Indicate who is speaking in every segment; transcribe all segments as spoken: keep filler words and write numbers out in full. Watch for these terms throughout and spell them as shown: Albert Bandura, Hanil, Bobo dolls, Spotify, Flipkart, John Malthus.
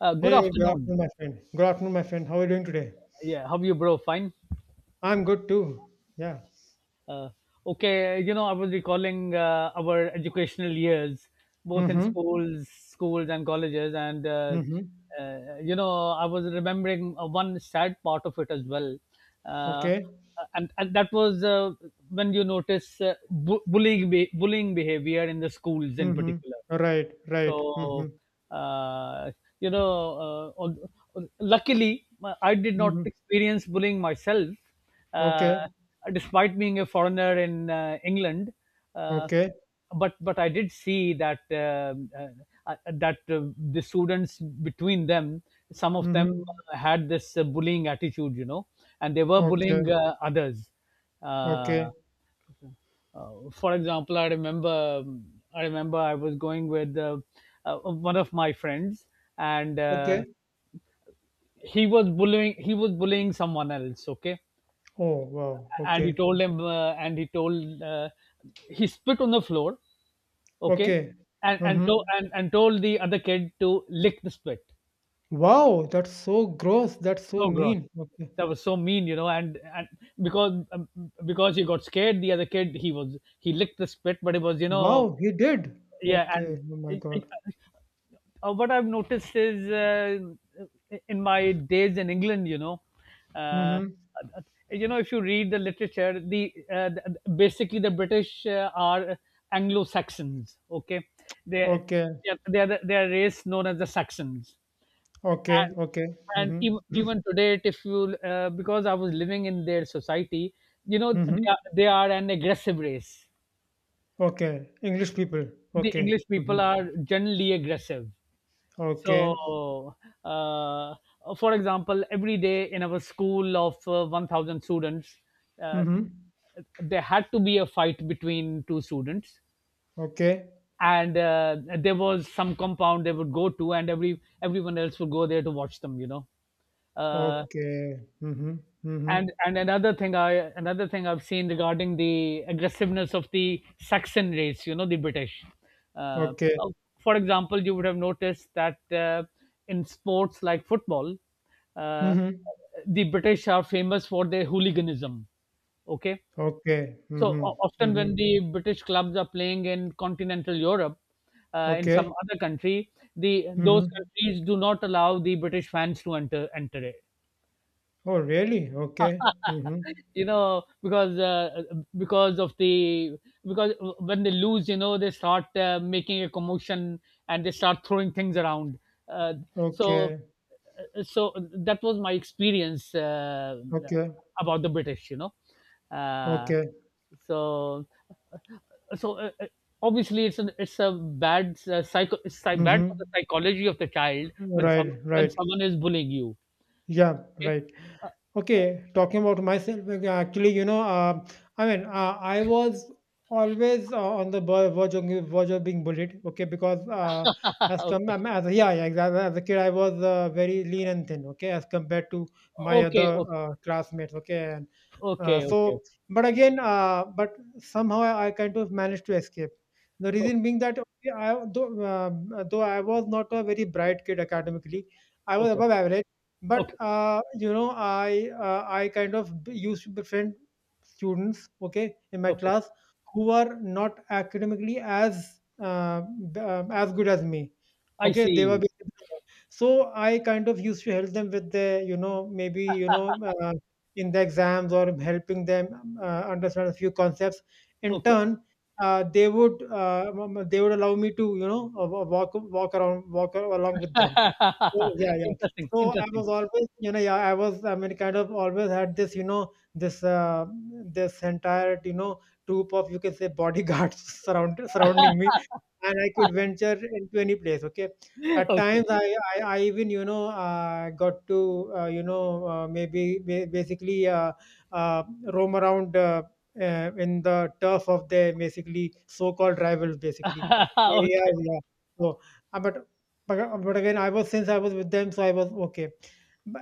Speaker 1: Uh, good
Speaker 2: Hey, good
Speaker 1: afternoon.
Speaker 2: afternoon, my friend. Good afternoon, my friend. How are you doing today?
Speaker 1: Yeah, how are you, bro? Fine.
Speaker 2: I'm good too. Yeah.
Speaker 1: Uh, okay, you know, I was recalling uh, our educational years, both in
Speaker 2: Mm-hmm.
Speaker 1: schools, schools and colleges, and uh,
Speaker 2: Mm-hmm.
Speaker 1: uh, you know, I was remembering uh, one sad part of it as well, uh,
Speaker 2: Okay.
Speaker 1: uh, and and that was uh, when you notice uh, bu- bullying be- bullying behavior in the schools in
Speaker 2: Mm-hmm.
Speaker 1: particular.
Speaker 2: Right. Right. Mm-hmm.
Speaker 1: So, uh, you know, uh, al- al- luckily, uh, I did not
Speaker 2: Mm-hmm.
Speaker 1: experience bullying myself, uh,
Speaker 2: Okay.
Speaker 1: despite being a foreigner in uh, England. Uh,
Speaker 2: Okay.
Speaker 1: but but I did see that um, uh, uh, that uh, the students between them, some of them
Speaker 2: Mm-hmm.
Speaker 1: had this uh, bullying attitude, you know, and they were bullying
Speaker 2: Okay.
Speaker 1: uh, others. Uh,
Speaker 2: Okay.
Speaker 1: uh, for example, I remember I remember I was going with uh, uh, one of my friends, and uh,
Speaker 2: Okay.
Speaker 1: he was bullying he was bullying someone else. Okay,
Speaker 2: Oh, wow.
Speaker 1: and he
Speaker 2: Okay.
Speaker 1: told him uh, and he told uh, he spit on the floor. Okay,
Speaker 2: Okay.
Speaker 1: and and, to,
Speaker 2: Mm-hmm.
Speaker 1: and and told the other kid to lick the spit.
Speaker 2: Wow, that's so gross. That's so
Speaker 1: So gross.
Speaker 2: mean. Okay.
Speaker 1: That was so mean, you know, and and because um, because he got scared, the other kid he was he licked the spit, but it was you know
Speaker 2: Wow, he did.
Speaker 1: yeah,
Speaker 2: Okay.
Speaker 1: and
Speaker 2: Oh my
Speaker 1: I-
Speaker 2: God.
Speaker 1: I- uh, what I've noticed is uh, in my days in England, you know, uh, uh,
Speaker 2: Mm-hmm.
Speaker 1: you know, if you read the literature, the, uh, the basically the British uh, are Anglo Saxons. Okay, they
Speaker 2: Okay.
Speaker 1: they are they are a race known as the Saxons,
Speaker 2: Okay.
Speaker 1: and
Speaker 2: Okay.
Speaker 1: and even,
Speaker 2: Mm-hmm.
Speaker 1: even today, if you uh, because I was living in their society, you know,
Speaker 2: Mm-hmm.
Speaker 1: they are, they are an aggressive race.
Speaker 2: Okay, English people.
Speaker 1: The
Speaker 2: Okay.
Speaker 1: English people
Speaker 2: Mhm.
Speaker 1: are generally aggressive.
Speaker 2: Okay.
Speaker 1: So, uh, for example, every day in our school of uh, one thousand students, uh,
Speaker 2: Mhm.
Speaker 1: there had to be a fight between two students.
Speaker 2: Okay.
Speaker 1: And uh, there was some compound they would go to, and every everyone else would go there to watch them, you know. Uh,
Speaker 2: Okay. Mhm. Mhm.
Speaker 1: and and another thing i another thing I've seen regarding the aggressiveness of the Saxon race, you know, the British. uh,
Speaker 2: Okay.
Speaker 1: uh, for example, you would have noticed that uh, in sports like football, uh,
Speaker 2: Mhm.
Speaker 1: the British are famous for their hooliganism. Okay,
Speaker 2: Okay.
Speaker 1: so o-
Speaker 2: Mhm.
Speaker 1: often when
Speaker 2: Mhm.
Speaker 1: the British clubs are playing in continental Europe, uh, in some
Speaker 2: Okay.
Speaker 1: other country, the those
Speaker 2: Mhm.
Speaker 1: countries do not allow the British fans to enter enter it,
Speaker 2: Oh, really? Okay. Mhm.
Speaker 1: you know, because uh, because of the because when they lose, you know, they start uh, making a commotion, and they start throwing things around. uh, so
Speaker 2: Okay.
Speaker 1: uh, so that was my experience uh,
Speaker 2: Okay.
Speaker 1: about the British, you know. uh,
Speaker 2: Okay.
Speaker 1: so so uh, uh, obviously it's a it's a bad uh, psycho it's psy- bad for the
Speaker 2: Mhm.
Speaker 1: psychology of the child when someone
Speaker 2: Right,
Speaker 1: when
Speaker 2: right.
Speaker 1: someone is bullying you.
Speaker 2: Yeah,
Speaker 1: Okay.
Speaker 2: right. Okay, talking about myself, like, actually, you know, uh, I mean, uh, I was always uh, on the ver- verge of, verge of being bullied. Okay, because uh, as come
Speaker 1: Okay,
Speaker 2: I mean, as yeah, yeah, exactly. As a kid, I was uh, very lean and thin. Okay, as compared to my
Speaker 1: okay.
Speaker 2: other uh, classmates. Okay, and uh,
Speaker 1: Okay,
Speaker 2: so,
Speaker 1: okay.
Speaker 2: but again, uh, but somehow I kind of managed to escape. The
Speaker 1: Okay,
Speaker 2: reason being that, okay, I, though, uh, though I was not a very bright kid academically, I was
Speaker 1: okay,
Speaker 2: above average.
Speaker 1: okay,
Speaker 2: But, uh, you know, I uh, I kind of b- used to befriend students, okay, in my
Speaker 1: okay.
Speaker 2: class who are not academically as uh, b- um, as good as me.
Speaker 1: I
Speaker 2: Okay, they were
Speaker 1: see.
Speaker 2: basically, so I kind of used to help them with their, you know, maybe, you know, uh, in the exams, or helping them um, uh, understand a few concepts. In
Speaker 1: Okay.
Speaker 2: turn, uh, they would uh, m- m- they would allow me to, you know, uh, wa- walk walk around, walk along with them. Oh, yeah, yeah.
Speaker 1: Interesting,
Speaker 2: So I
Speaker 1: interesting.
Speaker 2: was always, you know, yeah, I was, I mean, kind of always had this, you know, this, uh, this entire, you know, troop of, you can say, bodyguards surround, surrounding me, and I could venture into any place. Okay, at
Speaker 1: Okay.
Speaker 2: times I, I, I even, you know, uh, got to, uh, you know, uh, maybe ba- basically uh, uh, roam around, uh, uh, in the turf of their basically so-called rivals, basically. Yeah,
Speaker 1: Okay,
Speaker 2: yeah. So, uh, but but uh, but again, I was since I was with them, so I was okay.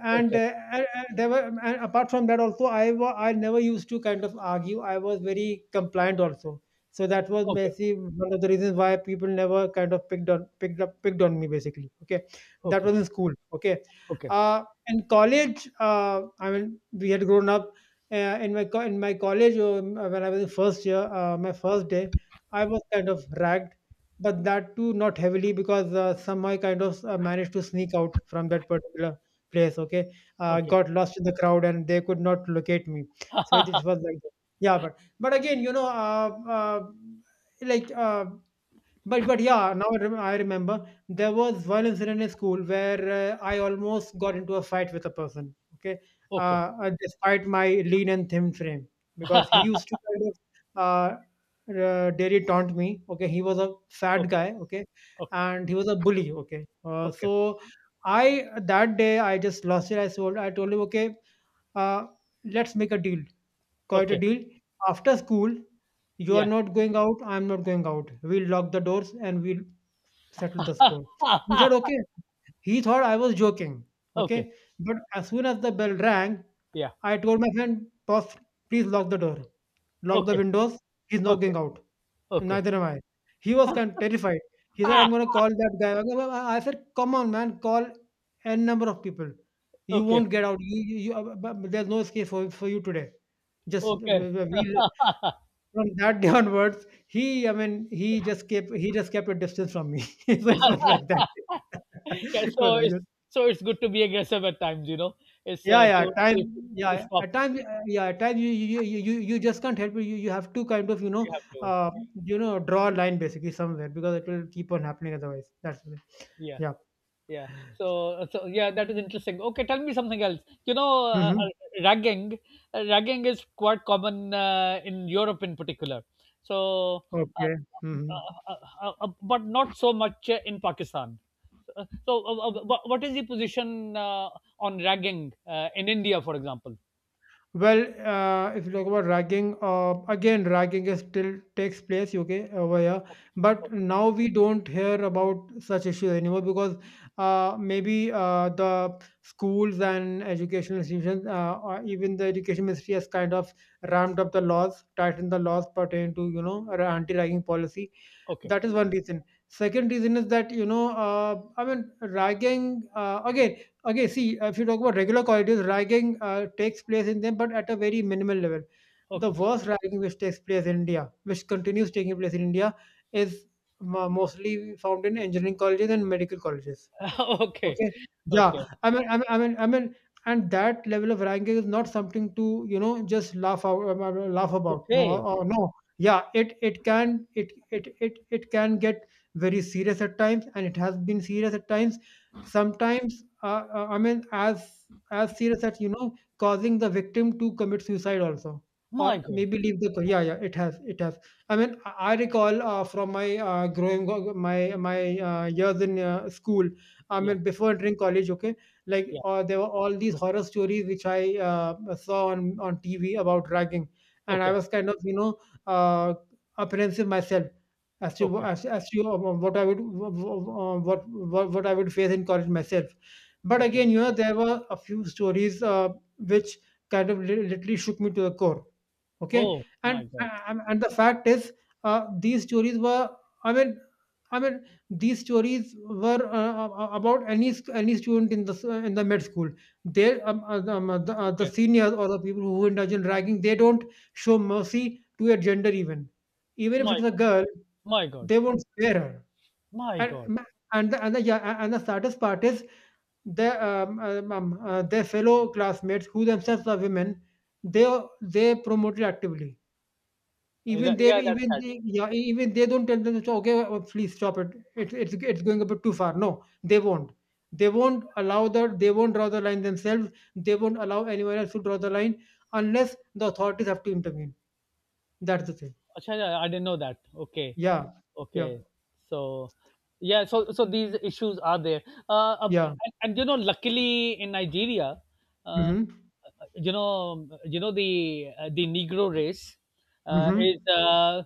Speaker 2: And,
Speaker 1: okay,
Speaker 2: uh, and and there were and apart from that also, I wa- I never used to kind of argue. I was very compliant also. So that was
Speaker 1: okay,
Speaker 2: maybe one of the reasons why people never kind of picked on picked up picked on me basically. Okay, that
Speaker 1: okay, okay,
Speaker 2: was in school. Okay, uh, in college, uh, I mean, we had grown up uh, in my co- in my college, um, when I was in first year. Uh, my first day, I was kind of ragged, but that too not heavily, because uh, somehow I kind of uh, managed to sneak out from that particular place. Okay, uh,
Speaker 1: okay, okay,
Speaker 2: got lost in the crowd and they could not locate me. So it, it was like that. Yeah, but but again, you know, uh, uh, like, uh, but but yeah, now I, rem- I remember there was one incident in school where uh, I almost got into a fight with a person. Okay, uh, uh, despite my lean and thin frame, because he used to kind of uh, uh, dairy taunt me. Okay, he was a fat
Speaker 1: okay,
Speaker 2: guy. Okay,
Speaker 1: okay,
Speaker 2: and he was a bully. Okay, uh,
Speaker 1: okay,
Speaker 2: so, I that day I just lost it. I told I told him, okay, uh, let's make a deal. Quite a
Speaker 1: okay.
Speaker 2: deal. After school, you are
Speaker 1: Yeah.
Speaker 2: not going out, I'm not going out. We'll lock the doors and we'll settle the score. He said, okay. He thought I was joking.
Speaker 1: Okay.
Speaker 2: Okay. But as soon as the bell rang,
Speaker 1: Yeah.
Speaker 2: I told my friend, boss, please lock the door, lock the
Speaker 1: Okay.
Speaker 2: windows. He's not
Speaker 1: Okay.
Speaker 2: going out.
Speaker 1: Okay.
Speaker 2: Neither am I. He was kind of terrified. He said,
Speaker 1: Ah,
Speaker 2: I'm going to call that guy. I go, I- I said, come on, man, call n number of people. You
Speaker 1: okay.
Speaker 2: won't get out. You, you, you, uh, b- b- There's no escape for, for you today. Just
Speaker 1: Okay.
Speaker 2: w- w- we from that day onwards, he, I mean, he just kept, he just kept a distance from me. So it was like that.
Speaker 1: Yeah,
Speaker 2: It was
Speaker 1: so
Speaker 2: like
Speaker 1: it's
Speaker 2: that.
Speaker 1: so it's good to be aggressive at times, you know. It's
Speaker 2: Yeah,
Speaker 1: uh,
Speaker 2: yeah.
Speaker 1: to,
Speaker 2: At time,
Speaker 1: to to
Speaker 2: yeah.
Speaker 1: stop.
Speaker 2: At times, uh, yeah. At times, you you, you you you just can't help it. You, you have to kind of, you
Speaker 1: You
Speaker 2: know,
Speaker 1: have to.
Speaker 2: uh, you know, draw a line basically somewhere, because it will keep on happening otherwise. That's it.
Speaker 1: Yeah.
Speaker 2: Yeah.
Speaker 1: yeah so so yeah, that is interesting. Okay, tell me something else, you know. Uh,
Speaker 2: Mm-hmm.
Speaker 1: uh, ragging uh, ragging is quite common uh, in Europe in particular. so uh,
Speaker 2: Okay. Mm-hmm.
Speaker 1: uh, uh, uh, but not so much uh, in Pakistan. Uh, so uh, uh, wha- what is the position uh, on ragging uh, in India, for example?
Speaker 2: Well, uh, if you talk about ragging, uh, again, ragging is still takes place, okay, over here.
Speaker 1: Okay,
Speaker 2: But now we don't hear about such issues anymore, because uh, maybe uh, the schools and educational institutions, uh, or even the education ministry, has kind of ramped up the laws, tightened the laws pertaining to, you know, ra- anti-ragging policy.
Speaker 1: okay,
Speaker 2: That is one reason. Second reason is that, you know, uh, I mean, ragging, uh, again, okay, see, if you talk about regular corridors, ragging uh, takes place in them, but at a very minimal level. The
Speaker 1: okay.
Speaker 2: worst ragging which takes place in India, which continues taking place in India, is mo- mostly found in engineering colleges and medical colleges.
Speaker 1: Okay,
Speaker 2: Okay.
Speaker 1: okay,
Speaker 2: Yeah. I mean, I mean, I mean, I mean, and that level of ranking is not something to, you know, just laugh out, um, uh, laugh about. No,
Speaker 1: okay.
Speaker 2: or no. Yeah, it it can it it it it can get very serious at times, and it has been serious at times. Sometimes, uh, uh, I mean, as as serious as, you know, causing the victim to commit suicide also,
Speaker 1: My
Speaker 2: or
Speaker 1: God.
Speaker 2: maybe leave the. co- yeah, yeah, it has, it has. I mean, I I recall, uh, from my uh, growing my my uh, years in, uh, school, I
Speaker 1: Yeah,
Speaker 2: mean, before entering college, okay, like,
Speaker 1: yeah.
Speaker 2: uh, there were all these horror stories which I, uh, saw on on T V about ragging, and I
Speaker 1: Okay,
Speaker 2: was kind of, you know uh, apprehensive myself, as to
Speaker 1: okay,
Speaker 2: as, as to uh, what I would, uh, what, what what I would face in college myself. But
Speaker 1: okay.
Speaker 2: again, you know, there were a few stories, uh, which kind of li- literally shook me to the core. Okay,
Speaker 1: Oh
Speaker 2: and
Speaker 1: my God.
Speaker 2: and and the fact is, uh, these stories were. I mean, I mean, these stories were uh, uh, about any st- any student in the s- uh, in the med school. They um, uh, the, um, uh, the, uh, the
Speaker 1: Okay.
Speaker 2: seniors, or the people who indulge in ragging, they don't show mercy to a gender even. Even if
Speaker 1: my
Speaker 2: it's a girl,
Speaker 1: My God,
Speaker 2: they won't spare her.
Speaker 1: my God.
Speaker 2: And and the, and the, yeah, and the saddest part is, their um, um, um, uh, their fellow classmates who themselves are women. They they promoted actively.
Speaker 1: Uh,
Speaker 2: even
Speaker 1: that-
Speaker 2: they
Speaker 1: Yeah, that's
Speaker 2: even
Speaker 1: sad.
Speaker 2: they yeah, e- even they don't tell them, "Okay, uh, please stop it. It's it's it's going a bit too far." No, they won't. They won't allow the they won't draw the line themselves. They won't allow anyone else to draw the line, unless the authorities have to intervene. That's the thing.
Speaker 1: Acha, yeah, I didn't know that. Okay.
Speaker 2: Yeah. Yeah.
Speaker 1: Okay. So, yeah so so these issues are there. uh, um,
Speaker 2: Yeah.
Speaker 1: and, and you know, luckily in Nigeria, uh,
Speaker 2: Mm-hmm.
Speaker 1: you know you know the uh, the negro race uh, is
Speaker 2: Mm-hmm.
Speaker 1: uh,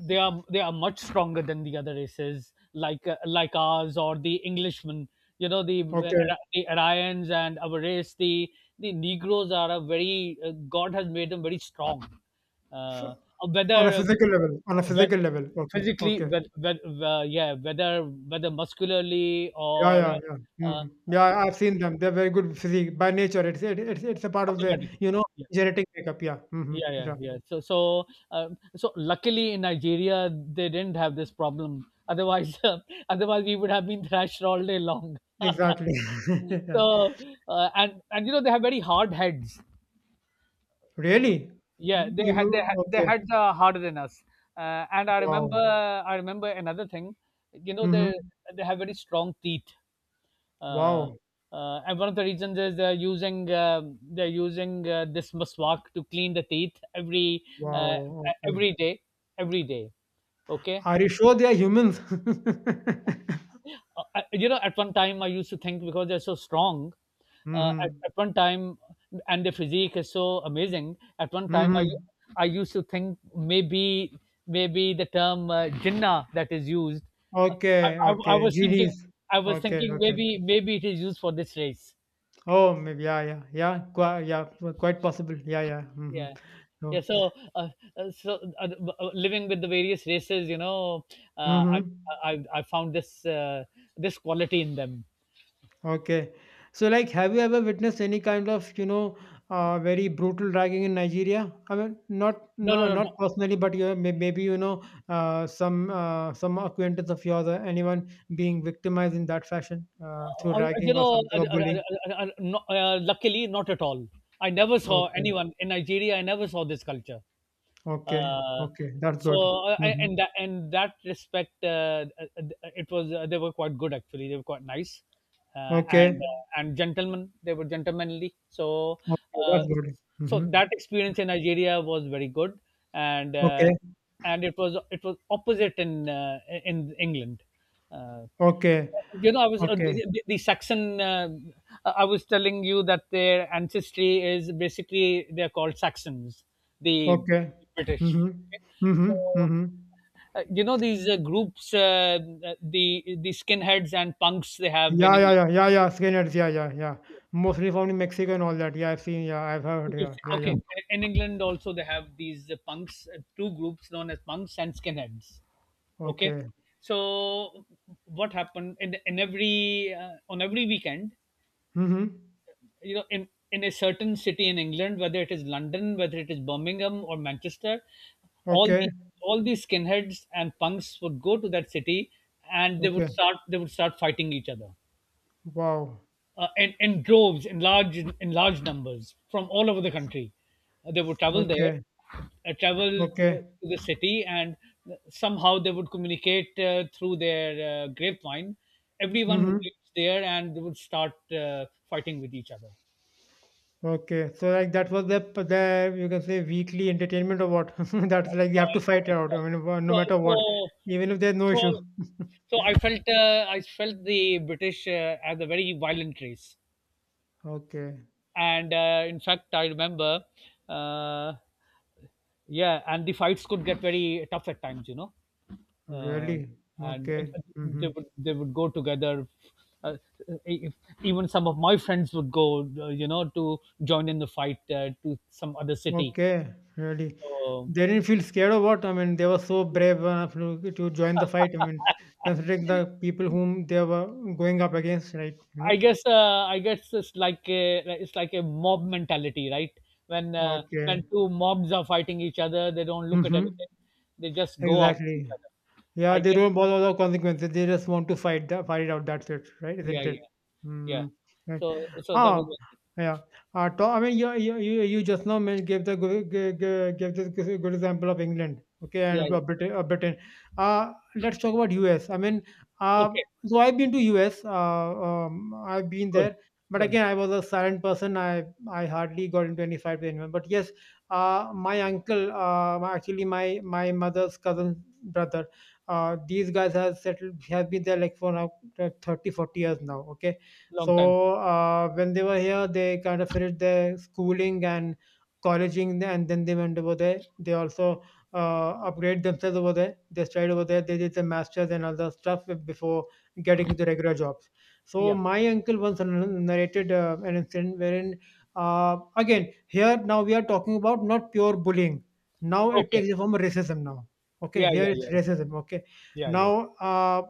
Speaker 1: they are they are much stronger than the other races, like uh, like ours or the Englishmen, you know, the uh,
Speaker 2: Okay.
Speaker 1: the Aryans, and our race. The the negroes are a very uh, God has made them very strong.
Speaker 2: So,
Speaker 1: uh,
Speaker 2: on a
Speaker 1: whether
Speaker 2: physical level, on a physical
Speaker 1: whe-
Speaker 2: level. Okay.
Speaker 1: Physically,
Speaker 2: Okay.
Speaker 1: whe- whe- whe- yeah, whether whether muscularly
Speaker 2: Yeah,
Speaker 1: or
Speaker 2: yeah, yeah.
Speaker 1: uh, uh,
Speaker 2: Mm. Yeah, I- I've seen them. They're very good physique by nature. It's it, it's it's a part of the,
Speaker 1: automatically.
Speaker 2: you know
Speaker 1: Yeah,
Speaker 2: genetic makeup. Yeah. Mm-hmm.
Speaker 1: yeah, yeah,
Speaker 2: Yeah.
Speaker 1: yeah. so so um, so luckily in Nigeria they didn't have this problem, otherwise. Uh, otherwise we would have been thrashed all day long.
Speaker 2: Exactly.
Speaker 1: so uh, and and you know, they have very hard heads. Uh,
Speaker 2: Really?
Speaker 1: yeah
Speaker 2: Mm,
Speaker 1: they
Speaker 2: you
Speaker 1: had they had — their
Speaker 2: okay?
Speaker 1: heads are harder than us. Uh, and i remember
Speaker 2: Wow.
Speaker 1: I remember another thing. You know,
Speaker 2: Hmm.
Speaker 1: they they have very strong teeth. uh,
Speaker 2: Wow.
Speaker 1: uh, and one of the reasons is they're using um they're using uh, this maswak to clean the teeth every uh,
Speaker 2: Wow.
Speaker 1: e-,
Speaker 2: Okay.
Speaker 1: every day, every day. Okay.
Speaker 2: Are you sure they are humans?
Speaker 1: Uh, I, you know, at one time I used to think, because they're so strong. uh, at,
Speaker 2: Mm-hmm.
Speaker 1: at one time, and the physique is so amazing, at one time i
Speaker 2: Mm-hmm.
Speaker 1: i used to think, maybe maybe the term uh, jinnah that is used. uh, I,
Speaker 2: Okay.
Speaker 1: I, I
Speaker 2: Okay.
Speaker 1: was thinking,
Speaker 2: Genies.
Speaker 1: i was
Speaker 2: Okay.
Speaker 1: thinking
Speaker 2: Okay.
Speaker 1: maybe maybe it is used for this race.
Speaker 2: Oh, maybe. Yeah. Yeah. Yeah. Quite. Yeah. Quite possible. Yeah. Yeah. Mm-hmm.
Speaker 1: Yeah. Yeah.
Speaker 2: So.
Speaker 1: So uh, uh, so uh, b- uh, living with the various races, you know, uh, I,
Speaker 2: Mm-hmm.
Speaker 1: I I found this uh, this quality in them.
Speaker 2: Okay. So, like, have you ever witnessed any kind of, you know, uh, very brutal dragging in Nigeria? I mean, not
Speaker 1: No, no,
Speaker 2: no,
Speaker 1: no, no.
Speaker 2: not personally, but you may- maybe, you know uh, some uh, some acquaintance of yours, or anyone being victimized in that fashion, uh, through
Speaker 1: Uh, uh, you
Speaker 2: dragging or
Speaker 1: know
Speaker 2: something,
Speaker 1: uh,
Speaker 2: or
Speaker 1: uh, uh,
Speaker 2: bullying.
Speaker 1: uh, uh, no, uh, luckily not at all. I never saw
Speaker 2: Okay,
Speaker 1: anyone in Nigeria. I never saw this culture.
Speaker 2: okay,
Speaker 1: uh,
Speaker 2: okay. That's
Speaker 1: so
Speaker 2: good.
Speaker 1: uh, I-
Speaker 2: Hmm.
Speaker 1: and that and that respect, uh, uh, uh, it was uh, they were quite good, actually. They were quite nice, uh, and
Speaker 2: Okay,
Speaker 1: uh, and gentlemen they were gentlemanly. so
Speaker 2: okay.
Speaker 1: uh,
Speaker 2: That's good.
Speaker 1: so
Speaker 2: Hmm.
Speaker 1: that experience in Nigeria was very good. and uh,
Speaker 2: Okay,
Speaker 1: and it was it was opposite in uh, in England. uh,
Speaker 2: okay,
Speaker 1: you know, I was uh,
Speaker 2: okay,
Speaker 1: the, the Saxon. Uh, uh, I was telling you that their ancestry is — basically they're called Saxons, the
Speaker 2: okay.
Speaker 1: British.
Speaker 2: Hmm.
Speaker 1: Okay? So
Speaker 2: Hmm. Hmm.
Speaker 1: uh, you know, these uh, groups, uh, the the skinheads and punks they have in
Speaker 2: Yeah, yeah,
Speaker 1: England.
Speaker 2: yeah, yeah, yeah. Skinheads. Yeah, yeah, yeah. Mostly found in Mexico and all that. Yeah, I've seen. Yeah, I've heard.
Speaker 1: If you
Speaker 2: Yeah,
Speaker 1: see-
Speaker 2: yeah, yeah.
Speaker 1: Okay, in England also they have these uh, punks, uh, two groups known as punks and skinheads. Okay,
Speaker 2: Okay.
Speaker 1: so what happened in, in every uh, on every weekend,
Speaker 2: Mm-hmm.
Speaker 1: you know, in in a certain city in England, whether it is London, whether it is Birmingham or Manchester, all
Speaker 2: Okay.
Speaker 1: the all these skinheads and punks would go to that city, and they would
Speaker 2: Okay.
Speaker 1: start they would start fighting each other
Speaker 2: Wow.
Speaker 1: uh, in, in droves, in large in large numbers from all over the country. Uh, they would travel there,
Speaker 2: Okay.
Speaker 1: uh, travel uh,
Speaker 2: Okay.
Speaker 1: to the city, and somehow they would communicate uh, through their uh, grapevine. Everyone would
Speaker 2: Mm-hmm.
Speaker 1: reach there and they would start uh, fighting with each other.
Speaker 2: Okay. So, like, that was the p- the you can say weekly entertainment or what? That's like you have to fight out. I mean, wha- no
Speaker 1: So
Speaker 2: matter
Speaker 1: so
Speaker 2: what, even if there's no
Speaker 1: so
Speaker 2: issue.
Speaker 1: so I felt uh, I felt the British uh, as a very violent race,
Speaker 2: Okay.
Speaker 1: and uh, in fact I remember, uh, yeah, and the fights could get very tough at times, you know. Uh,
Speaker 2: Really?
Speaker 1: and
Speaker 2: Okay.
Speaker 1: uh, they
Speaker 2: Mm-hmm.
Speaker 1: would they would go together. Uh, if, Even some of my friends would go, uh, you know, to join in the fight uh, to some other city.
Speaker 2: Okay, really.
Speaker 1: So,
Speaker 2: They didn't feel scared or what? I mean, they were so brave enough to, to join the fight. I mean, considering the people whom they were going up against, right? You
Speaker 1: I
Speaker 2: know?
Speaker 1: guess uh, I guess it's like a it's like a mob mentality, right? When uh,
Speaker 2: Okay.
Speaker 1: when two mobs are fighting each other, they don't look at
Speaker 2: Mm-hmm.
Speaker 1: anything; they just go after each
Speaker 2: Exactly.
Speaker 1: other.
Speaker 2: Yeah,
Speaker 1: I
Speaker 2: they
Speaker 1: guess,
Speaker 2: don't bother about consequences. They just want to fight the fight it out. That's it, right?
Speaker 1: yeah,
Speaker 2: Isn't
Speaker 1: yeah,
Speaker 2: it?
Speaker 1: yeah.
Speaker 2: Mm, right.
Speaker 1: So so that
Speaker 2: Ah,
Speaker 1: was it.
Speaker 2: yeah. Uh, to, I mean, you, you you you just now men- gave the good- g- g- gave this g- good example of England, okay,
Speaker 1: Yeah.
Speaker 2: and
Speaker 1: Yeah.
Speaker 2: uh, Britain. Uh, Britain. Uh, let's talk about U S. I mean, uh,
Speaker 1: Okay,
Speaker 2: so I've been to U S. Uh, um, I've been
Speaker 1: good,
Speaker 2: there, but
Speaker 1: good.
Speaker 2: again, I was a silent person. I I hardly got into any fight with anyone. But yes, uh, my uncle, uh, actually my my mother's cousin brother, uh, these guys have settled have been there like for now like thirty forty years now. Okay.
Speaker 1: Long time.
Speaker 2: So, uh, when they were here they kind of finished their schooling and colleging, and then they went over there. They also uh, upgrade themselves over there, they studied over there, they did the masters and other stuff before getting into regular jobs. So
Speaker 1: Yeah.
Speaker 2: my uncle once narrated uh, an incident wherein, uh, again, here now we are talking about not pure bullying, now it
Speaker 1: Okay.
Speaker 2: takes the form of racism now. Okay,
Speaker 1: Yeah,
Speaker 2: here
Speaker 1: yeah,
Speaker 2: it's
Speaker 1: yeah,
Speaker 2: racism. Okay.
Speaker 1: yeah, yeah.
Speaker 2: Now, uh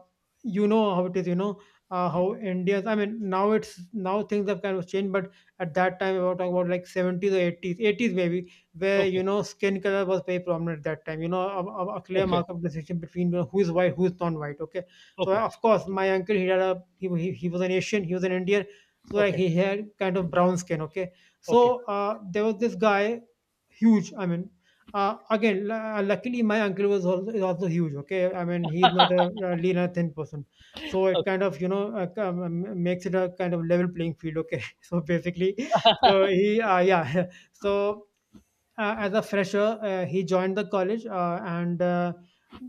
Speaker 2: you know how it is you know uh, how indians, I mean, now it's, now things have kind of changed, but at that time we were talking about like seventies or eighties, eighties maybe, where
Speaker 1: Okay,
Speaker 2: you know skin color was very prominent at that time you know a, a, a clear
Speaker 1: okay,
Speaker 2: mark of distinction between, you know, who's white, who's non-white. Okay. So, uh,
Speaker 1: okay,
Speaker 2: of course, my uncle, he had a he, he, he was an Asian, he was an Indian, so like
Speaker 1: okay,
Speaker 2: he had kind of brown skin. Okay.
Speaker 1: okay,
Speaker 2: So, uh, there was this guy, huge, I mean, uh, again, lu- luckily my uncle was also, is also huge. Okay, I mean he is not a, a lean and thin person, so it
Speaker 1: okay,
Speaker 2: kind of you know uh, k- um, um, makes it a kind of level playing field. Okay, so basically, so he uh, yeah, so uh, as a fresher. Uh, he joined the college, uh, and uh,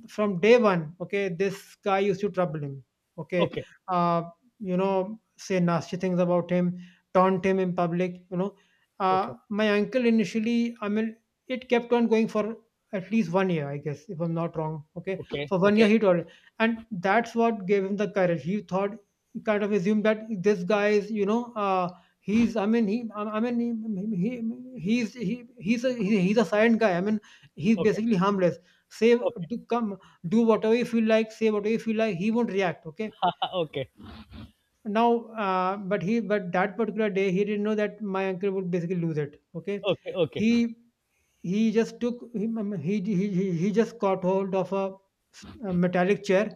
Speaker 2: from day one, okay, this guy used to trouble him. Okay,
Speaker 1: okay,
Speaker 2: uh, you know, say nasty things about him, taunt him in public. You know,
Speaker 1: okay,
Speaker 2: uh, my uncle initially, I mean, it kept on going for at least one year, I guess, if I'm not wrong. Okay,
Speaker 1: okay,
Speaker 2: for one year he told it. And that's what gave him the courage. He thought, he kind of assumed that this guy is, you know. Uh, He's, I mean, he I I mean, he he he's he he's a he, he's a silent guy. I mean, he's
Speaker 1: okay,
Speaker 2: basically harmless. Say
Speaker 1: okay,
Speaker 2: do come do whatever you feel like, say whatever you feel like, he won't react, okay?
Speaker 1: okay.
Speaker 2: Now, uh, but he but that particular day he didn't know that my uncle would basically lose it, okay?
Speaker 1: Okay, okay,
Speaker 2: He he just took he he he, he he just caught hold of a, a metallic chair,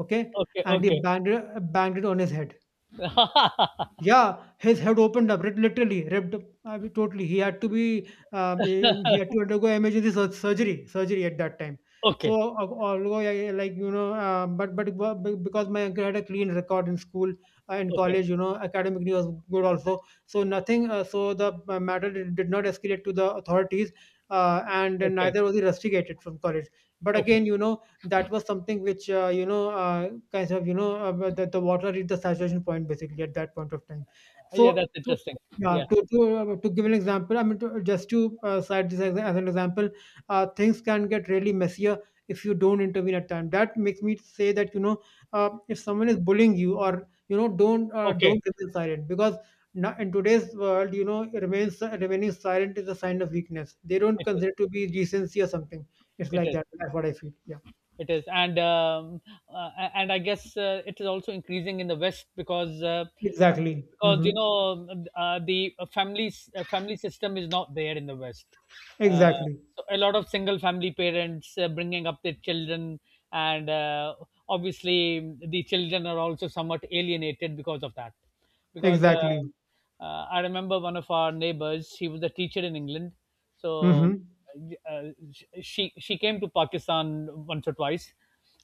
Speaker 2: okay,
Speaker 1: okay, okay,
Speaker 2: and he
Speaker 1: okay.
Speaker 2: banged it, banged it on his head. Yeah, his head opened up, lit literally ripped up, I mean, totally. He had to be, um, em he had to undergo emergency sur surgery surgery at that time. So,
Speaker 1: Okay.
Speaker 2: uh, although I I like, you know, uh, but but b b because my uncle had a clean record in school, uh, in
Speaker 1: Okay,
Speaker 2: college, you know, academically was good also. So nothing, uh, so the uh, matter did did not escalate to the authorities, uh, and
Speaker 1: okay,
Speaker 2: neither was he rusticated from college. But
Speaker 1: okay.
Speaker 2: again, you know, that was something which uh, you know uh, kind of, you know uh, the, the water reached the saturation point basically at that point of time.
Speaker 1: Yeah,
Speaker 2: So,
Speaker 1: that's
Speaker 2: so
Speaker 1: interesting.
Speaker 2: yeah,
Speaker 1: Yeah,
Speaker 2: to, to, uh, to give an example, I mean, to, just to uh, cite this as, as an example. Uh, things can get really messier if you don't intervene at time. That makes me say that, you know, uh, if someone is bullying you, or you know, don't, uh, don't
Speaker 1: okay.
Speaker 2: remain silent, because now in today's world, you know, remains remaining silent is a sign of weakness, they don't
Speaker 1: It is.
Speaker 2: consider it to be decency or something. It's
Speaker 1: It
Speaker 2: like
Speaker 1: is.
Speaker 2: that, that's what I feel. Yeah.
Speaker 1: It is, and um, uh, and I guess uh, it is also increasing in the West, because uh,
Speaker 2: Exactly.
Speaker 1: because you
Speaker 2: Mhm.
Speaker 1: know, uh, the family uh, family system is not there in the West. Uh,
Speaker 2: Exactly.
Speaker 1: so a lot of single family parents uh, bringing up their children, and uh, obviously the children are also somewhat alienated because of that. Because
Speaker 2: Exactly.
Speaker 1: uh, uh, I remember one of our neighbors, he was a teacher in England. so
Speaker 2: Mhm.
Speaker 1: uh, she she came to Pakistan once or twice,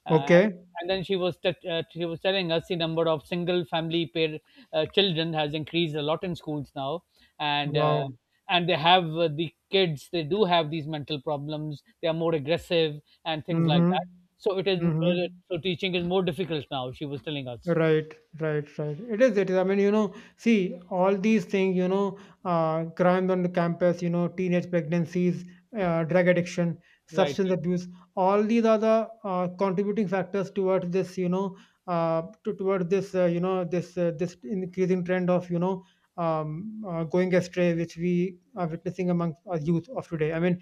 Speaker 1: uh,
Speaker 2: Okay.
Speaker 1: and then she was t- uh, she was telling us the number of single family pair uh, children has increased a lot in schools now, and uh,
Speaker 2: Wow.
Speaker 1: and they have — uh, the kids, they do have these mental problems. They are more aggressive and things like that.
Speaker 2: Mhm.
Speaker 1: So it is uh,
Speaker 2: Mhm.
Speaker 1: so teaching is more difficult now, she was telling us.
Speaker 2: Right, right, right. It is, it is. I mean, you know, see, all these things, you know, uh, crimes on the campus, you know, teenage pregnancies, uh, drug addiction,
Speaker 1: Right.
Speaker 2: substance
Speaker 1: Right.
Speaker 2: abuse, all these are the uh, contributing factors towards this, you know, uh, to, towards this, uh, you know, this, uh, this increasing trend of, you know, um, uh, going astray, which we are witnessing among our youth of today. I mean,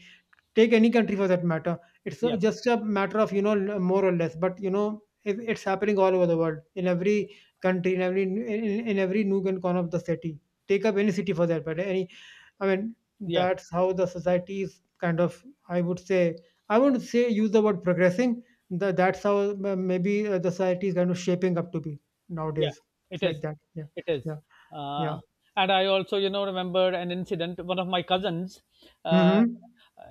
Speaker 2: take any country for that matter. It's uh,
Speaker 1: Yeah.
Speaker 2: just a matter of, you know, l- more or less, but you know it, it's happening all over the world in every country, in every in, in in every nook and corner of the city. Take up any city for that, but any, I mean
Speaker 1: Yeah.
Speaker 2: that's how the society is kind of. I would say, I wouldn't say use the word progressing. The, that's how uh, maybe uh, the society is kind of shaping up to be
Speaker 1: Yeah,
Speaker 2: nowadays.
Speaker 1: it
Speaker 2: It's
Speaker 1: is.
Speaker 2: like that. Yeah,
Speaker 1: It is.
Speaker 2: yeah, yeah.
Speaker 1: Uh, and I also, you know, remember an incident. One of my cousins, uh,
Speaker 2: Mm-hmm.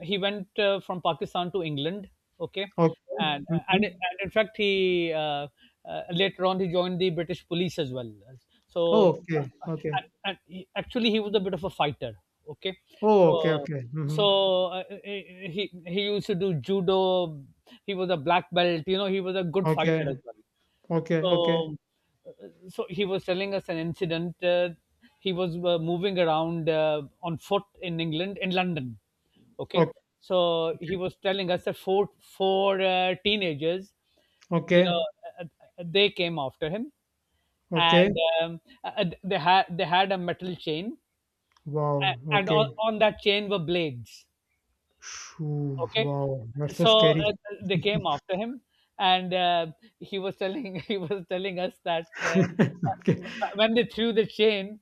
Speaker 1: he went uh, from Pakistan to England. Okay,
Speaker 2: Okay.
Speaker 1: and uh, and,
Speaker 2: Mm-hmm.
Speaker 1: and in fact, he uh, uh, later on he joined the British police as well.
Speaker 2: Oh,
Speaker 1: So,
Speaker 2: okay.
Speaker 1: uh,
Speaker 2: Okay.
Speaker 1: and, and he, actually, he was a bit of a fighter. Okay,
Speaker 2: Oh, okay.
Speaker 1: so
Speaker 2: Okay. Mm-hmm.
Speaker 1: so uh, he he used to do judo. He was a black belt. You know, he was a good fighter as
Speaker 2: Okay,
Speaker 1: well.
Speaker 2: okay, okay,
Speaker 1: So, uh, so he was telling us an incident. Uh, he was uh, moving around uh, on foot in England, in London. Okay,
Speaker 2: okay,
Speaker 1: so he was telling us that four four uh, teenagers, you know,
Speaker 2: okay,
Speaker 1: uh, uh, they came after him,
Speaker 2: okay.
Speaker 1: and um, uh, uh, they had they had a metal chain, a-
Speaker 2: Wow,
Speaker 1: and on,
Speaker 2: okay.
Speaker 1: on that chain were blades.
Speaker 2: Shoo,
Speaker 1: Okay.
Speaker 2: wow, that's so
Speaker 1: So
Speaker 2: scary.
Speaker 1: uh, they came after him, and uh, he was telling he was telling us that uh, uh,
Speaker 2: Okay.
Speaker 1: when they threw the chain,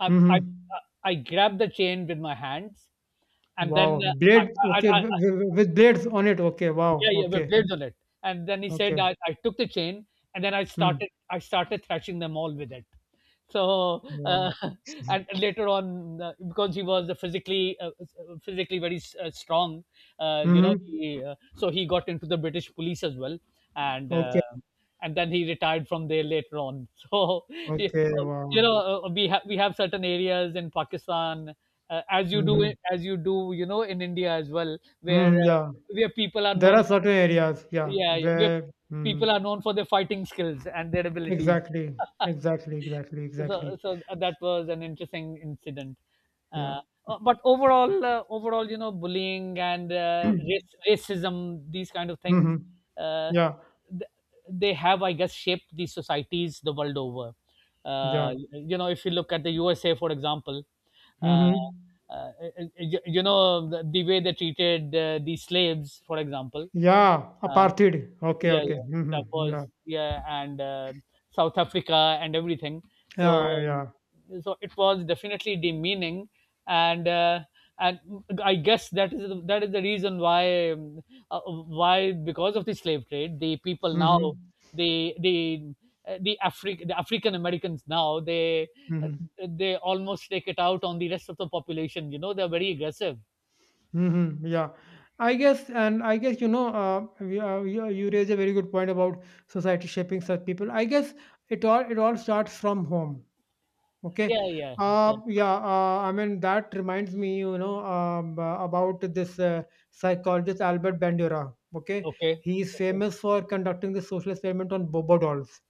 Speaker 1: I, I
Speaker 2: Mm-hmm.
Speaker 1: I grabbed the chain with my hands, and then
Speaker 2: Wow,
Speaker 1: uh, I,
Speaker 2: blade. Okay,
Speaker 1: I, I
Speaker 2: with, with blades on it. Okay, wow.
Speaker 1: yeah, yeah, with
Speaker 2: Okay,
Speaker 1: blades on it. And then he said,
Speaker 2: okay.
Speaker 1: I, I took the chain and then I
Speaker 2: Hmm.
Speaker 1: started I started thrashing them all with it. So uh,
Speaker 2: Wow.
Speaker 1: and later on, uh, because he was a physically uh, uh, physically very uh, strong, uh, you know,
Speaker 2: Mm-hmm.
Speaker 1: he, uh, so he got into the British police as well, and
Speaker 2: Okay,
Speaker 1: uh, and then he retired from there later on. So
Speaker 2: okay,
Speaker 1: you
Speaker 2: wow.
Speaker 1: know, uh, we have we have certain areas in Pakistan. Uh, as you do
Speaker 2: Mm-hmm.
Speaker 1: as you do you know, in india as well, where
Speaker 2: Mm-hmm.
Speaker 1: uh,
Speaker 2: Yeah,
Speaker 1: where people are
Speaker 2: there
Speaker 1: known,
Speaker 2: are certain areas. Yeah,
Speaker 1: yeah yeah, where
Speaker 2: where. Mm-hmm.
Speaker 1: people are known for their fighting skills and their abilities.
Speaker 2: Exactly, exactly, exactly,
Speaker 1: so
Speaker 2: exactly.
Speaker 1: so that was an interesting incident.
Speaker 2: Yeah.
Speaker 1: uh, uh, but overall uh, overall, you know, bullying and uh, race, racism, these kind of things,
Speaker 2: Mm-hmm.
Speaker 1: uh,
Speaker 2: Yeah.
Speaker 1: th- they have, I guess, shaped these societies the world over.
Speaker 2: Yeah.
Speaker 1: Uh, you know, if you look at the usa, for example, uh,
Speaker 2: Mhm.
Speaker 1: uh, you, you know, the, the way they treated uh, the slaves, for example,
Speaker 2: Yeah,
Speaker 1: uh,
Speaker 2: apartheid. Okay,
Speaker 1: yeah,
Speaker 2: okay.
Speaker 1: yeah, that
Speaker 2: Mhm. Yeah.
Speaker 1: was, yeah, and uh, South Africa and everything. So,
Speaker 2: Yeah, yeah.
Speaker 1: so it was definitely demeaning, and uh, and I guess that is the, that is the reason why, um, uh, why, because of the slave trade, the people now,
Speaker 2: Mhm.
Speaker 1: the the uh, the Afri- the African Americans now, they uh,
Speaker 2: Mhm.
Speaker 1: they almost take it out on the rest of the population. You know, they're very aggressive.
Speaker 2: Mhm. Yeah. I guess, and I guess, you know, uh, we- uh, you, you raise a very good point about society shaping such people. I guess it all it all starts from home. Okay.
Speaker 1: Yeah, yeah, yeah.
Speaker 2: Uh, yeah, uh, I mean, that reminds me, you know, um, uh, about this uh, psychologist Albert Bandura. Okay.
Speaker 1: Okay,
Speaker 2: He is
Speaker 1: okay,
Speaker 2: famous for conducting the social experiment on Bobo dolls.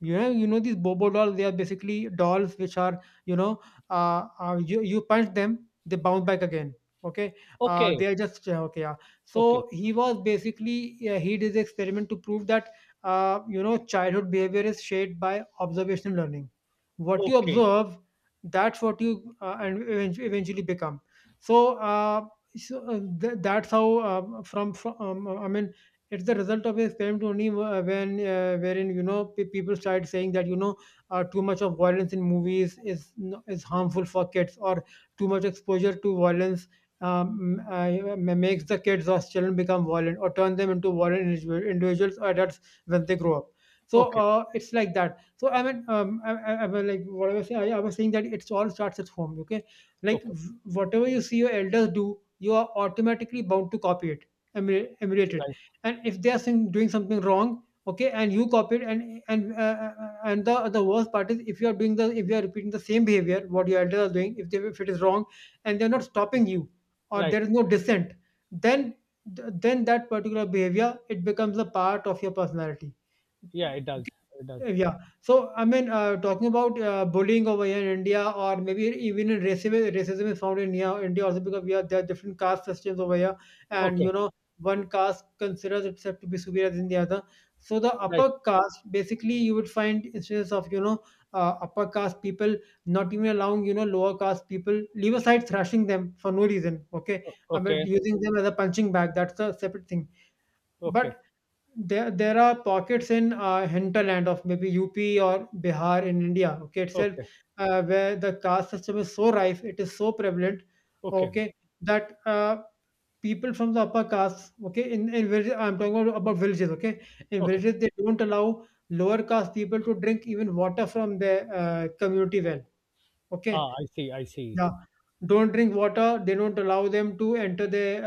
Speaker 2: You know, you know these Bobo dolls, they are basically dolls which are, you know, uh, uh, you, you punch them, they bounce back again. Okay. Uh,
Speaker 1: okay,
Speaker 2: they are just, yeah, okay, yeah.
Speaker 1: okay.
Speaker 2: So he was basically, yeah, he did the experiment to prove that, uh, you know, childhood behavior is shaped by observational learning, what you
Speaker 1: Okay,
Speaker 2: observe, that's what you uh, and event- eventually become. So, uh, so uh, th- that's how uh, from, from um, I mean, it's the result of experiment only, wh- when uh, wherein, you know, pe- people start saying that, you know, uh, too much of violence in movies is n- is harmful for kids, or too much exposure to violence, um, uh, ma- makes the kids or children become violent, or turn them into violent individu- individuals or adults when they grow up. So,
Speaker 1: okay,
Speaker 2: uh, it's like that. So I mean, um, I, I, I was like, what I was saying, I, I was saying that it's all starts at home. Okay, like
Speaker 1: okay.
Speaker 2: w- whatever you see your elders do, you are automatically bound to copy it, emulate, emulate it.
Speaker 1: Right,
Speaker 2: And if they are saying, doing something wrong, okay, and you copy it, and and uh, uh, and the the worst part is, if you are doing the if you are repeating the same behavior what your elders are doing, if they if it is wrong, and they are not stopping you, or
Speaker 1: right.
Speaker 2: there is no dissent, then th- then that particular behavior it becomes a part of your personality.
Speaker 1: Yeah, it does. It does.
Speaker 2: Yeah. Yeah. So, I mean, uh, talking about uh, bullying over here in India, or maybe even in racism, racism is found in here, India also because we are there are different caste systems over here, and you
Speaker 1: Okay,
Speaker 2: know, one caste considers itself to be superior than the other. So, the
Speaker 1: right.
Speaker 2: upper caste, basically, you would find instances of, you know, uh, upper caste people not even allowing, you know lower caste people, leave aside thrashing them for no reason. Okay,
Speaker 1: O-
Speaker 2: I mean,
Speaker 1: okay,
Speaker 2: using them as a punching bag. That's a separate thing.
Speaker 1: okay,
Speaker 2: But there there are pockets in uh, hinterland of maybe U P or Bihar in India, okay, itself,
Speaker 1: okay,
Speaker 2: uh, where the caste system is so rife, it is so prevalent,
Speaker 1: okay,
Speaker 2: okay, that, uh, people from the upper castes, okay, in, in villages, I'm talking about, about villages, okay, in
Speaker 1: okay.
Speaker 2: villages they don't allow lower caste people to drink even water from their uh, community well, okay,
Speaker 1: Ah, I see. I see.
Speaker 2: yeah, don't drink water. They don't allow them to enter the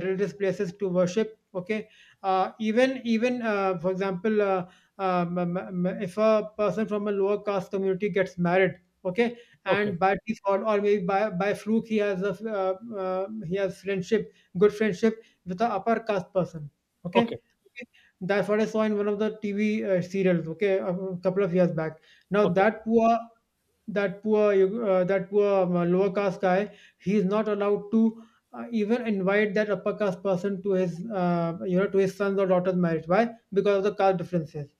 Speaker 2: uh, religious places to worship. Okay, uh, even even uh, for example, uh, um, um, um, if a person from a lower caste community gets married, okay,
Speaker 1: Okay,
Speaker 2: and by default or maybe by by fluke he has a uh, uh, he has friendship, good friendship with a upper caste person. Okay.
Speaker 1: okay,
Speaker 2: Okay. That's what I saw in one of the T V uh, serials, okay, a couple of years back. Now
Speaker 1: okay.
Speaker 2: that poor that poor uh, that poor um, lower caste guy he is not allowed to uh, even invite that upper caste person to his uh, you know to his son's or daughter's marriage. Why? Because of the caste differences.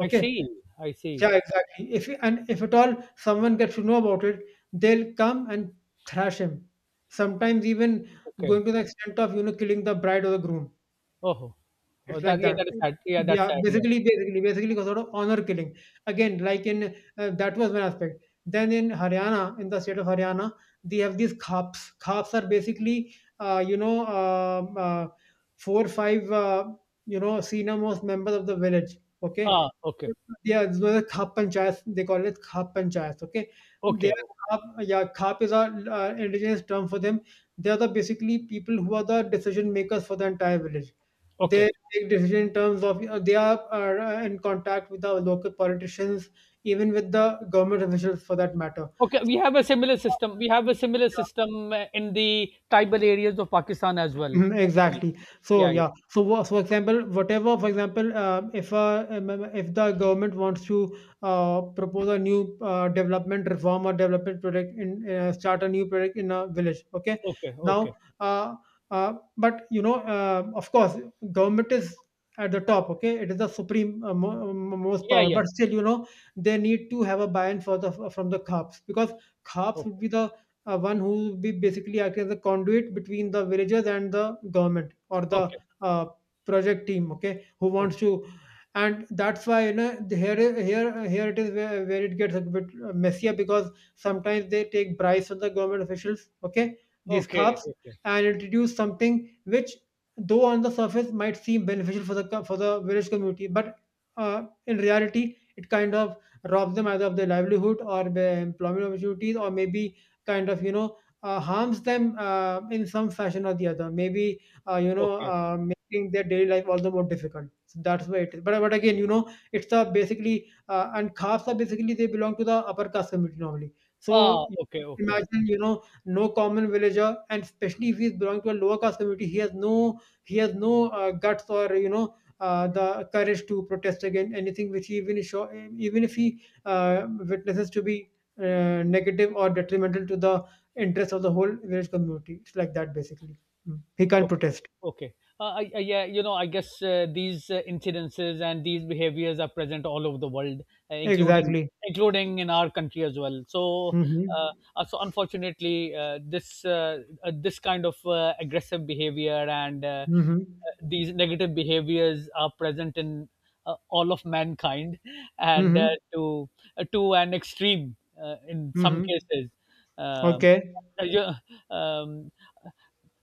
Speaker 1: I see. I see.
Speaker 2: yeah, exactly. If and if at all someone gets to know about it, they'll come and thrash him, sometimes even
Speaker 1: Okay.
Speaker 2: going to the extent of you know killing the bride or the groom.
Speaker 1: Oh, oh
Speaker 2: It's like
Speaker 1: that, yeah,
Speaker 2: that.
Speaker 1: that is sad. Yeah, that's
Speaker 2: Yeah,
Speaker 1: sad. Yeah.
Speaker 2: basically, basically, basically, a sort of honor killing. Again, like in uh, that was one aspect. Then in Haryana, in the state of Haryana, they have these khaps. Khaps are basically, uh, you know, um, uh, four five, uh, you know, senior most members of the village. Okay,
Speaker 1: Ah, okay,
Speaker 2: yeah, those are khap panchayats. They call it khap panchayats. Okay, they
Speaker 1: okay,
Speaker 2: are khap. Yeah, khap is our uh, indigenous term for them. They are the basically people who are the decision makers for the entire village.
Speaker 1: okay,
Speaker 2: They take decision in terms of uh, they are, are uh, in contact with the local politicians, even with the government officials for that matter.
Speaker 1: okay. We have a similar system. We have a similar system uh, in the tribal areas of Pakistan as well.
Speaker 2: Mhm.
Speaker 1: Actually,
Speaker 2: Exactly. So
Speaker 1: yeah,
Speaker 2: yeah.
Speaker 1: yeah.
Speaker 2: So wha- for example, whatever, for example, uh, if uh, um, um, if the government wants to uh, propose a new uh, development reform or development project in uh, start a new project in a village, okay.
Speaker 1: Okay,
Speaker 2: Now,
Speaker 1: okay.
Speaker 2: uh, uh, but you know, uh, of course, government is at the top. Okay, it is the supreme uh, mo- um, most
Speaker 1: Yeah,
Speaker 2: power.
Speaker 1: yeah.
Speaker 2: But still, you know, they need to have a buy-in for the from the cops, because cops
Speaker 1: Okay,
Speaker 2: would be the uh, one who will be basically acting as a conduit between the villagers and the government or the
Speaker 1: okay,
Speaker 2: uh, project team. Okay, who wants
Speaker 1: okay.
Speaker 2: to and that's why you know the- here here here it is where, where it gets a bit uh, messier, because sometimes they take bribes from the government officials. Okay, these
Speaker 1: Okay,
Speaker 2: cops,
Speaker 1: okay,
Speaker 2: and introduce something which, though on the surface might seem beneficial for the co- for the village community, but uh, in reality it kind of robs them either of their livelihood or their employment opportunities, or maybe kind of you know uh, harms them uh, in some fashion or the other, maybe uh, you know
Speaker 1: okay.
Speaker 2: uh, making their daily life all the more difficult. So that's why it is. but, but again, you know, it's the basically uh, and khafs are basically they belong to the upper caste community normally.
Speaker 1: Ah,
Speaker 2: So
Speaker 1: okay, okay,
Speaker 2: imagine, you know, no common villager, and especially if he's belonging to a lower caste community, he has no he has no uh, guts or you know uh, the courage to protest against anything which he even is sure, even if he uh, witnesses to be uh, negative or detrimental to the interest of the whole village community. It's like that basically. Mm. He can't
Speaker 1: okay,
Speaker 2: protest.
Speaker 1: okay. Uh, I, I, yeah, you know, I guess uh, these uh, incidences and these behaviors are present all over the world, uh, including
Speaker 2: Exactly.
Speaker 1: including in our country as well. So,
Speaker 2: Mm-hmm.
Speaker 1: uh, Uh, so unfortunately, uh, this uh, uh, this kind of uh, aggressive behavior and uh,
Speaker 2: Mm-hmm.
Speaker 1: uh, these negative behaviors are present in uh, all of mankind, and
Speaker 2: Mm-hmm.
Speaker 1: uh, to uh, to an extreme uh, in some
Speaker 2: Mm-hmm.
Speaker 1: cases. Um,
Speaker 2: Okay.
Speaker 1: uh, yeah, um,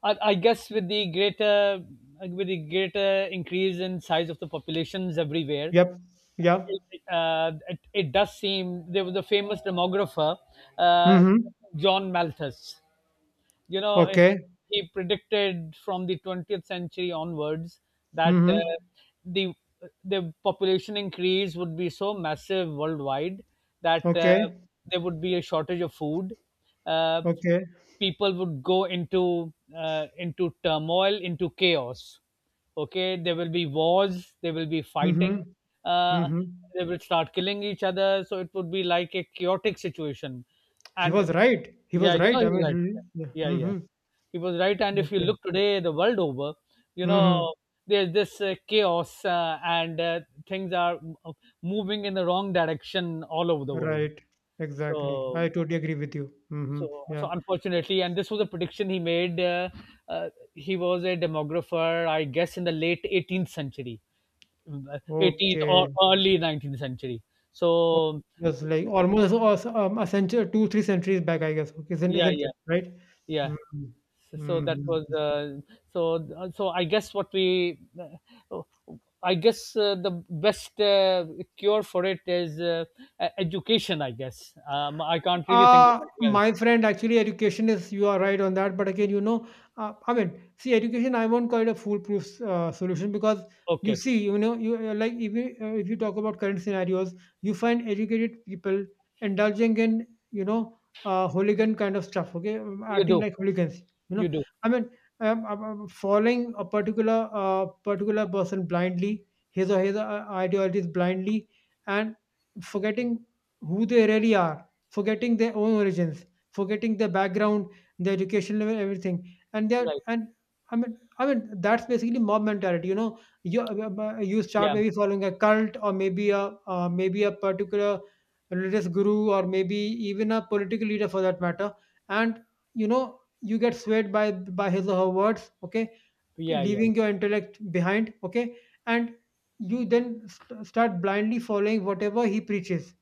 Speaker 1: I, I guess with the greater, with the greater increase in size of the populations everywhere,
Speaker 2: Yep. Yeah.
Speaker 1: uh, it, it does seem. There was a famous demographer, uh,
Speaker 2: Mm-hmm.
Speaker 1: John Malthus, you know, eh,
Speaker 2: Okay.
Speaker 1: he predicted from the twentieth century onwards that uh,
Speaker 2: Mm-hmm.
Speaker 1: the the population increase would be so massive worldwide that uh,
Speaker 2: Okay.
Speaker 1: there would be a shortage of food, uh,
Speaker 2: Okay.
Speaker 1: people would go into uh, into turmoil, into chaos, okay, there will be wars, there will be fighting,
Speaker 2: Mm-hmm.
Speaker 1: uh,
Speaker 2: Mm-hmm.
Speaker 1: they will start killing each other, so it would be like a chaotic situation.
Speaker 2: He was
Speaker 1: And,
Speaker 2: right. He
Speaker 1: yeah,
Speaker 2: was
Speaker 1: you know,
Speaker 2: right.
Speaker 1: he
Speaker 2: I
Speaker 1: was
Speaker 2: mean,
Speaker 1: right.
Speaker 2: really- yeah.
Speaker 1: Yeah, yeah.
Speaker 2: Mm-hmm.
Speaker 1: He was right. And if you
Speaker 2: Okay.
Speaker 1: look today, the world over, you know,
Speaker 2: Mm-hmm.
Speaker 1: there's this uh, chaos, uh, and uh, things are m- uh, moving in the wrong direction all over the world.
Speaker 2: Right. Exactly.
Speaker 1: So,
Speaker 2: I totally agree with you. Mm-hmm.
Speaker 1: so,
Speaker 2: Yeah.
Speaker 1: so unfortunately, and this was a prediction he made. Uh, uh, he was a demographer, I guess, in the late eighteenth century, uh, eighteenth or
Speaker 2: Okay.
Speaker 1: early nineteenth century.
Speaker 2: Oh,
Speaker 1: So,
Speaker 2: that's like almost as um, a century, two, three centuries back, I guess. Okay, isn't
Speaker 1: yeah,
Speaker 2: isn't
Speaker 1: yeah,
Speaker 2: it, right?
Speaker 1: yeah.
Speaker 2: Mhm.
Speaker 1: so that
Speaker 2: Mhm.
Speaker 1: was uh, so uh, so I guess what we uh, I guess uh, the best uh, cure for it is uh, e- education, I guess. um, i can't really think of
Speaker 2: Uh,
Speaker 1: anything
Speaker 2: my
Speaker 1: else.
Speaker 2: friend, actually, education is, you are right on that. But again, you know, uh, I mean, see, education, I won't call it a foolproof uh, solution, because you
Speaker 1: Okay.
Speaker 2: see, you know, you uh, like if you, uh, if you talk about current scenarios, you find educated people indulging in, you know, uh, hooligan kind of stuff, okay, um,
Speaker 1: You
Speaker 2: acting
Speaker 1: do,
Speaker 2: like hooligans, you know.
Speaker 1: you do.
Speaker 2: I mean, um, um, um, following a particular uh, particular person blindly, his or his uh, ideologies blindly, and forgetting who they really are, forgetting their own origins, forgetting their background, their education level, everything. And they're
Speaker 1: Right.
Speaker 2: and I mean, I mean that's basically mob mentality. You know, you uh, uh, uh, you start
Speaker 1: Yeah,
Speaker 2: maybe following a cult, or maybe a uh, maybe a particular religious guru, or maybe even a political leader for that matter, and you know you get swayed by by his or her words. Okay,
Speaker 1: yeah, yeah.
Speaker 2: leaving your intellect behind, okay, and you then st- start blindly following whatever he preaches,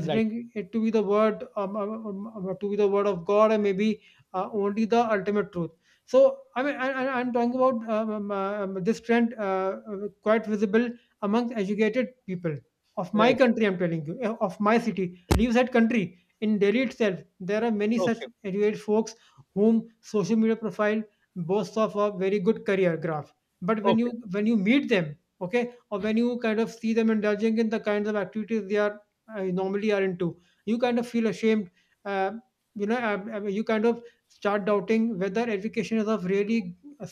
Speaker 1: Right,
Speaker 2: it to be the word um, um, um, um, to be the word of god, and maybe uh, only the ultimate truth. So I mean, I, I, I'm talking about um, um, uh, um, this trend, uh, uh, quite visible among educated people of my
Speaker 1: right.
Speaker 2: country, I'm telling you, uh, of my city, leave that country, in Delhi itself there are many such
Speaker 1: Okay,
Speaker 2: educated folks whom social media profile boasts of a very good career graph, but when you
Speaker 1: okay,
Speaker 2: when you meet them, okay, or when you kind of see them indulging in the kinds of activities they are uh, normally are into, you kind of feel ashamed. uh, you know uh, uh, you kind of start doubting whether education is of really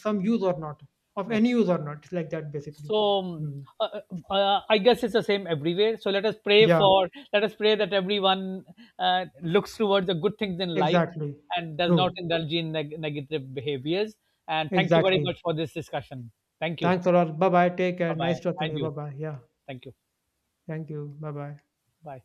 Speaker 2: some use or not, of
Speaker 1: okay.
Speaker 2: any use or not. It's like that basically.
Speaker 1: So um,
Speaker 2: Hmm.
Speaker 1: uh, uh, uh, I guess it's the same everywhere. So let us pray
Speaker 2: Yeah,
Speaker 1: for, let us pray that everyone uh, looks towards the good things in life
Speaker 2: exactly,
Speaker 1: and does
Speaker 2: true,
Speaker 1: not indulge in neg- negative behaviors. And thank you very
Speaker 2: exactly,
Speaker 1: much for this discussion. Thank you.
Speaker 2: thanks a lot, bye bye, take care,
Speaker 1: Bye
Speaker 2: nice
Speaker 1: bye.
Speaker 2: talking to
Speaker 1: And
Speaker 2: you, bye
Speaker 1: you.
Speaker 2: bye, yeah,
Speaker 1: Thank you.
Speaker 2: thank you, bye bye.
Speaker 1: Bye.